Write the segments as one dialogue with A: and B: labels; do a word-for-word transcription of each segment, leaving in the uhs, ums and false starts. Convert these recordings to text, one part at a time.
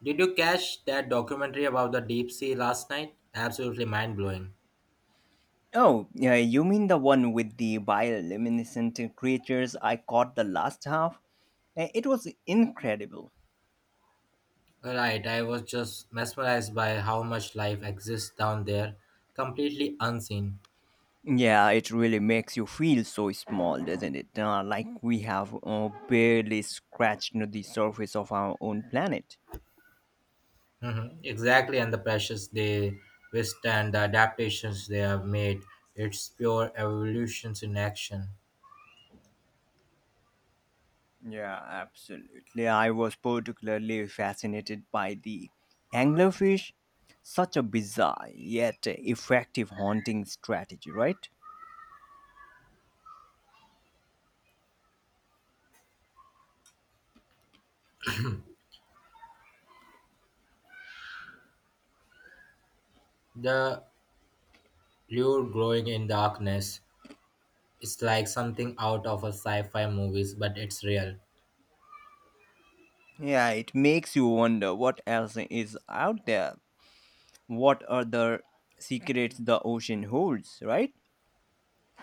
A: Did you catch that documentary about the deep sea last night? Absolutely mind blowing.
B: Oh, yeah, you mean the one with the bioluminescent creatures I caught the last half? Uh, It was incredible.
A: Right, I was just mesmerized by how much life exists down there, completely unseen.
B: Yeah, it really makes you feel so small, doesn't it? Uh, like we have uh, barely scratched the surface of our own planet.
A: Mhm, exactly, and the pressures they withstand, the adaptations they have made. It's pure evolutions in action.
B: Yeah, absolutely. I was particularly fascinated by the anglerfish. Such a bizarre yet effective haunting strategy, right?
A: The lure glowing in darkness. It's like something out of a sci fi movies, but it's real.
B: Yeah, it makes you wonder what else is out there. What other secrets the ocean holds, right?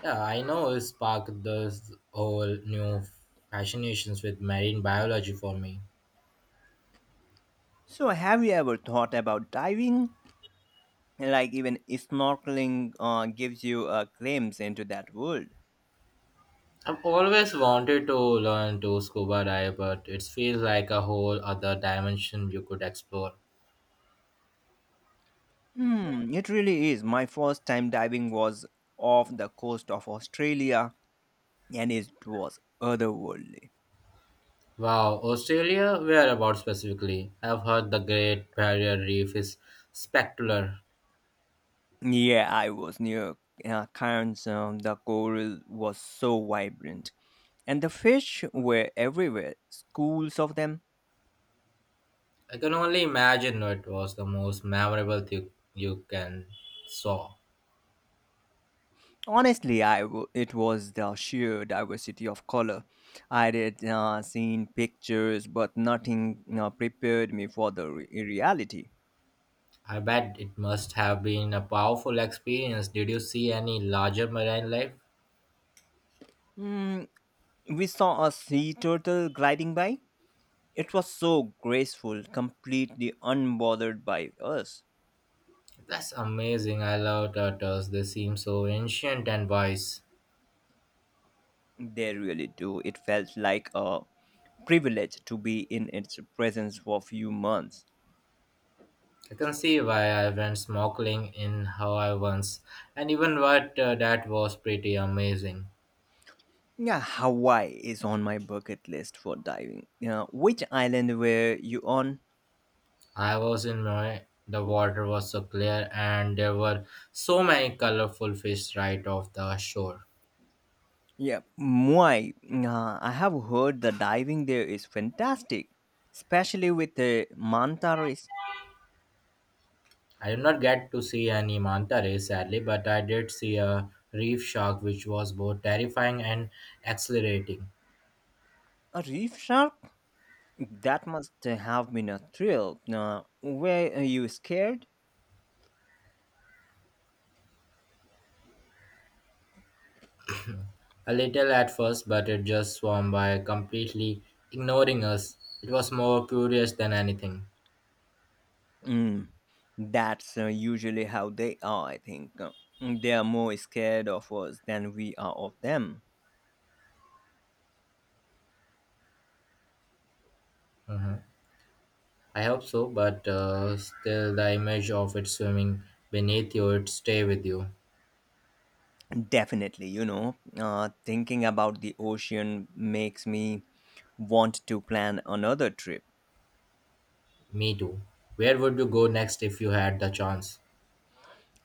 A: Yeah, I know it sparked this whole new fascinations with marine biology for me.
B: So, have you ever thought about diving? Like, even snorkeling uh, gives you a glimpse into that world.
A: I've always wanted to learn to scuba dive, but it feels like a whole other dimension you could explore.
B: Hmm, it really is. My first time diving was off the coast of Australia, and it was otherworldly.
A: Wow, Australia? Whereabouts specifically? I've heard the Great Barrier Reef is spectacular.
B: Yeah, I was near uh, Cairns. Um, the coral was so vibrant, and the fish were everywhere, schools of them.
A: I can only imagine what was the most memorable thing you can saw.
B: Honestly, I w- it was the sheer diversity of color. I had uh, seen pictures, but nothing uh, prepared me for the re- reality.
A: I bet it must have been a powerful experience. Did you see any larger marine life?
B: Mm, we saw a sea turtle gliding by. It was so graceful, completely unbothered by us.
A: That's amazing. I love turtles. They seem so ancient and wise.
B: They really do. It felt like a privilege to be in its presence for a few months.
A: I can see why I went snorkeling in Hawaii once, and even what uh, that was pretty amazing.
B: Yeah, Hawaii is on my bucket list for diving. Yeah, which island were you on?
A: I was in my the water was so clear, and there were so many colorful fish right off the shore.
B: Yeah, Muay. Uh, I have heard the diving there is fantastic, especially with the manta rays.
A: I did not get to see any manta ray sadly, but I did see a reef shark, which was both terrifying and exhilarating.
B: A reef shark? That must have been a thrill. Uh, were you scared?
A: A little at first, but it just swam by completely ignoring us. It was more curious than anything.
B: Mm, that's uh, usually how they are, I think. Uh, They are more scared of us than we are of them.
A: I hope so, but uh, still, the image of it swimming beneath you, it stay with you.
B: Definitely, you know, uh, thinking about the ocean makes me want to plan another trip.
A: Me too. Where would you go next if you had the chance?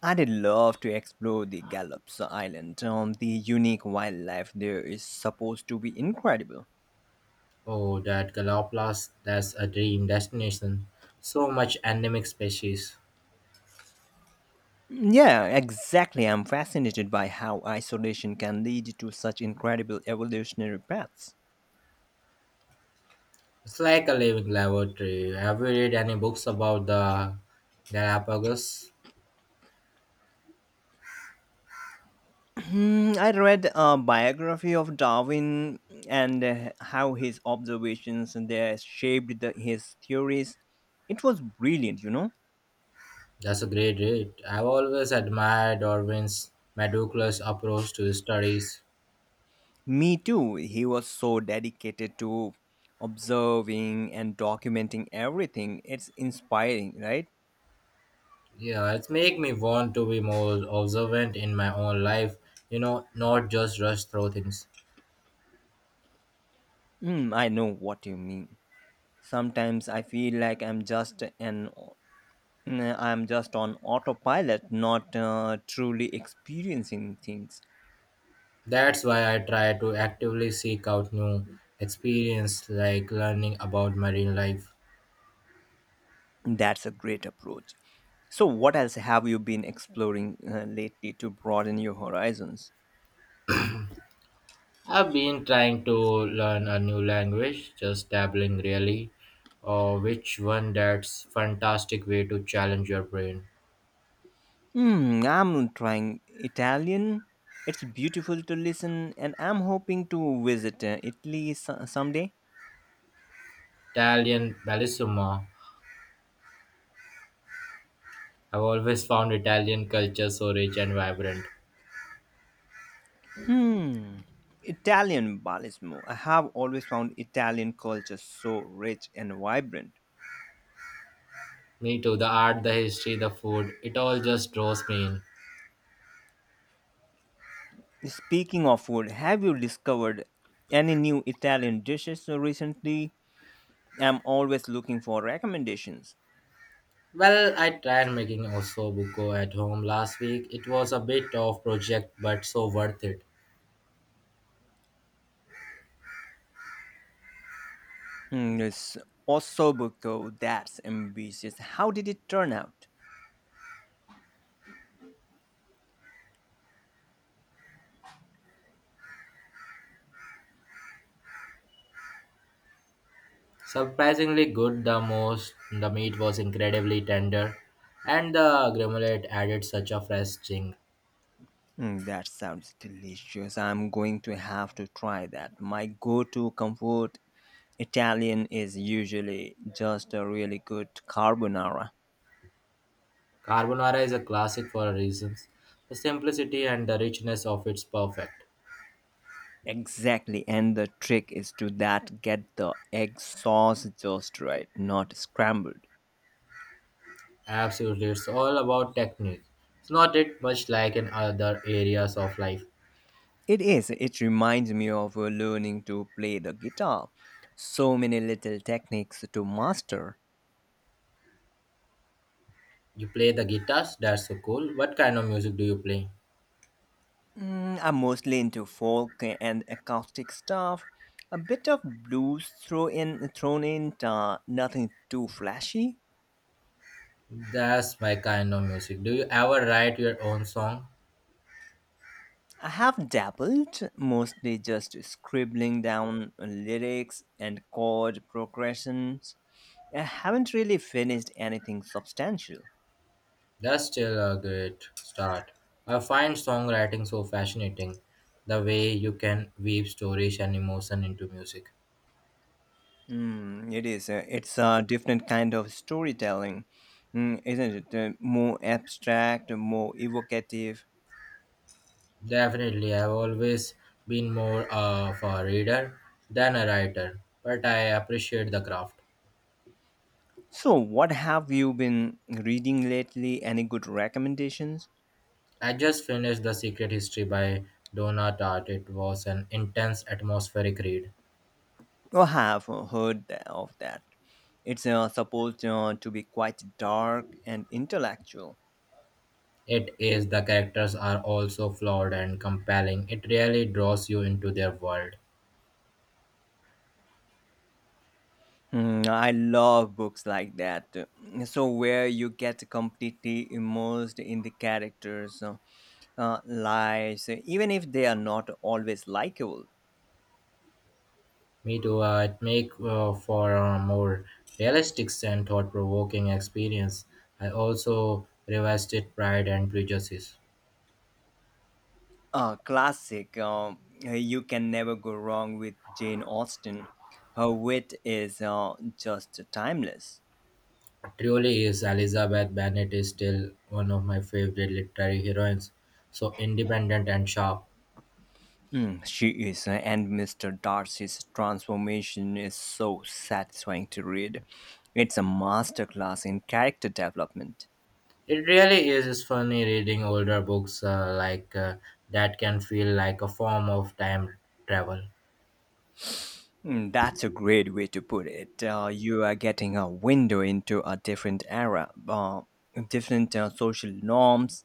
B: I'd love to explore the Gallops Island. Um, the unique wildlife there is supposed to be incredible.
A: Oh, that Galapagos, that's a dream destination. So much endemic species.
B: Yeah, exactly. I'm fascinated by how isolation can lead to such incredible evolutionary paths.
A: It's like a living laboratory. Have you read any books about the Galapagos?
B: Hmm, I read a biography of Darwin and uh, how his observations there shaped the, his theories. It was brilliant, you know.
A: That's a great rate. I've always admired Darwin's meticulous approach to his studies.
B: Me too. He was so dedicated to observing and documenting everything. It's inspiring, right?
A: Yeah, it's make me want to be more observant in my own life, you know, not just rush through things.
B: Hmm, I know what you mean. Sometimes I feel like I'm just an I'm just on autopilot, not uh, truly experiencing things.
A: That's why I try to actively seek out new experience like learning about marine life.
B: That's a great approach. So, what else have you been exploring uh, lately to broaden your horizons?
A: I've been trying to learn a new language, just dabbling really, or which one that's fantastic way to challenge your brain.
B: Hmm, I'm trying Italian. It's beautiful to listen, and I'm hoping to visit uh, Italy so- someday.
A: Italian bellissima, I've always found Italian culture so rich and vibrant.
B: Hmm, Italian ballismo. I have always found Italian culture so rich and vibrant.
A: Me too, the art, the history, the food, it all just draws me in.
B: Speaking of food, have you discovered any new Italian dishes recently? I'm always looking for recommendations.
A: Well, I tried making ossobuco at home last week. It was a bit of project but so worth it.
B: Hmm, it's osobuco. That's ambitious. How did it turn out?
A: Surprisingly good the most the meat was incredibly tender and the gremolate added such a fresh sting.
B: Mm, that sounds delicious. I'm going to have to try that. My go-to comfort Italian is usually just a really good carbonara.
A: Carbonara is a classic for a reason. The simplicity and the richness of it's perfect.
B: Exactly, and the trick is to that get the egg sauce just right, not scrambled.
A: Absolutely, it's all about technique. It's not it much like in other areas of life.
B: It is. It reminds me of uh, learning to play the guitar. So many little techniques to master.
A: You play the guitars, that's so cool. What kind of music do you play?
B: Mm, I'm mostly into folk and acoustic stuff. A bit of blues throw in, thrown in, uh, nothing too flashy.
A: That's my kind of music. Do you ever write your own song?
B: I have dabbled, mostly just scribbling down lyrics and chord progressions. I haven't really finished anything substantial.
A: That's still a great start. I find songwriting so fascinating. The way you can weave stories and emotion into music.
B: Mm, it is. A, it's a different kind of storytelling, mm, isn't it? Uh, more abstract, more evocative.
A: Definitely, I've always been more of a reader than a writer, but I appreciate the craft.
B: So, what have you been reading lately? Any good recommendations?
A: I just finished The Secret History by Donna Tartt. It was an intense, atmospheric read.
B: Or have heard tha- of that? It's uh, supposed uh, to be quite dark and intellectual.
A: It is, the characters are also flawed and compelling. It really draws you into their world.
B: Hmm, I love books like that. So, where you get completely immersed in the characters' uh, uh, lives, even if they are not always likable.
A: Me too, uh, it make uh, for a more realistic and thought-provoking experience. I also revisited Pride and Prejudice.
B: A classic. Um, uh, you can never go wrong with Jane Austen. Her wit is uh, just timeless.
A: Truly is Elizabeth Bennet is still one of my favorite literary heroines. So independent and sharp.
B: Mm, she is, uh, and Mister Darcy's transformation is so satisfying to read. It's a masterclass in character development.
A: It really is funny reading older books uh, like uh, that can feel like a form of time travel.
B: Mm, that's a great way to put it. Uh, you are getting a window into a different era, uh, different uh, social norms.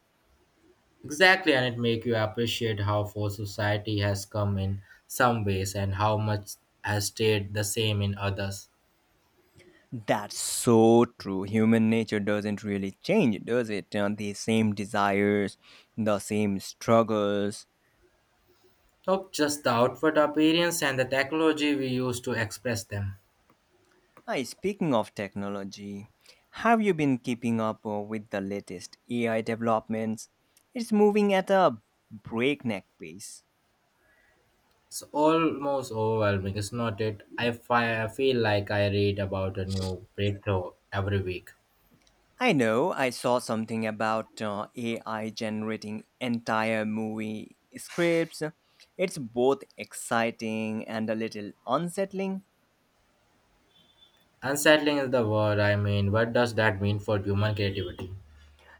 A: Exactly, and it make you appreciate how far society has come in some ways and how much has stayed the same in others.
B: That's so true. Human nature doesn't really change, does it? Uh, the same desires, the same struggles.
A: Not just the outward appearance and the technology we use to express them.
B: Hi, speaking of technology, have you been keeping up uh, with the latest A I developments? It's moving at a breakneck pace.
A: It's almost overwhelming, is not it? I, fi- I feel like I read about a new breakthrough every week.
B: I know I saw something about uh, A I generating entire movie scripts. It's both exciting and a little unsettling.
A: Unsettling is the word. I mean, what does that mean for human creativity?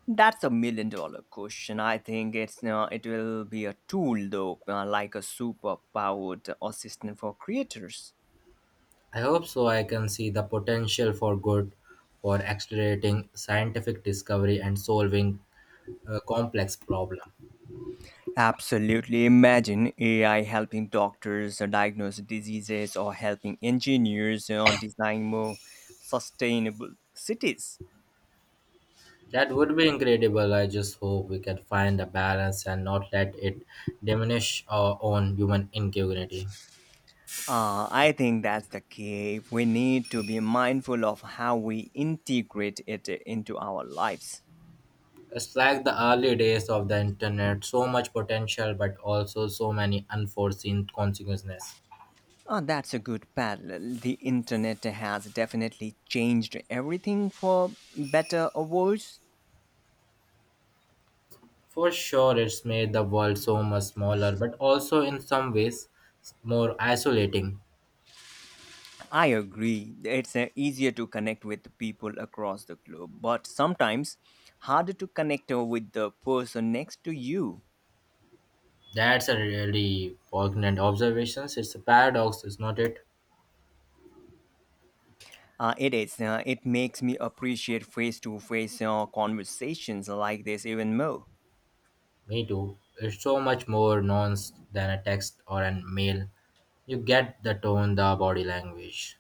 B: That's a million dollar question. I think it's uh, it will be a tool though, uh, like a super powered assistant for creators.
A: I hope so. I can see the potential for good, for accelerating scientific discovery and solving a complex problem.
B: Absolutely. Imagine A I helping doctors uh, diagnose diseases or helping engineers, you know, design more sustainable cities.
A: That would be incredible. I just hope we can find a balance and not let it diminish our own human ingenuity.
B: Uh, I think that's the key. We need to be mindful of how we integrate it into our lives.
A: It's like the early days of the internet, so much potential, but also so many unforeseen consequences.
B: Oh, that's a good parallel. The internet has definitely changed everything for better or worse.
A: For sure, it's made the world so much smaller, but also in some ways more isolating.
B: I agree. It's uh, easier to connect with people across the globe, but sometimes harder to connect uh, with the person next to you.
A: That's a really poignant observation. It's a paradox, is not it?
B: Uh, it is. Uh, it makes me appreciate face to face conversations like this even more.
A: Me too. It's so much more nuanced than a text or a mail. You get the tone, the body language.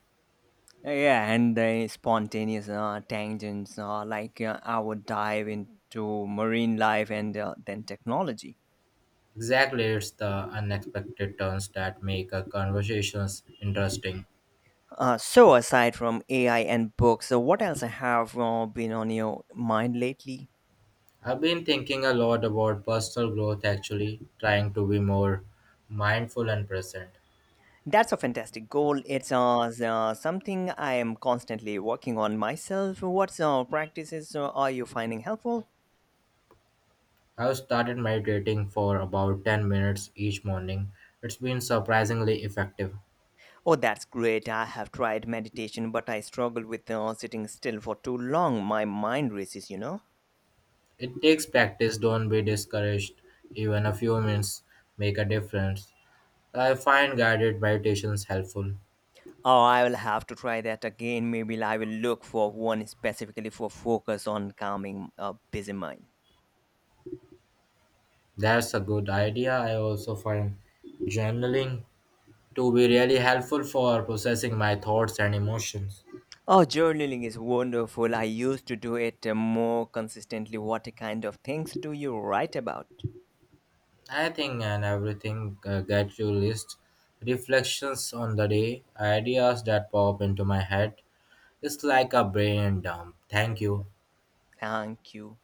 B: Yeah, and the spontaneous uh, tangents, uh, like uh, our dive into marine life and uh, then technology.
A: Exactly, it's the unexpected turns that make a conversations interesting.
B: Uh, so aside from A I and books, so what else have uh, been on your mind lately?
A: I've been thinking a lot about personal growth actually, trying to be more mindful and present.
B: That's a fantastic goal. It's uh, s- uh, something I am constantly working on myself. What uh, practices uh, are you finding helpful?
A: I've started meditating for about ten minutes each morning. It's been surprisingly effective.
B: Oh, that's great. I have tried meditation, but I struggle with uh, sitting still for too long. My mind races, you know.
A: It takes practice, don't be discouraged. Even a few minutes make a difference. I find guided meditations helpful.
B: Oh, I will have to try that again. Maybe I will look for one specifically for focus on calming a busy mind.
A: That's a good idea. I also find journaling to be really helpful for processing my thoughts and emotions.
B: Oh, journaling is wonderful. I used to do it uh, more consistently. What kind of things do you write about?
A: I think and everything uh, get you list reflections on the day, ideas that pop into my head, it's like a brain dump. Thank you.
B: Thank you.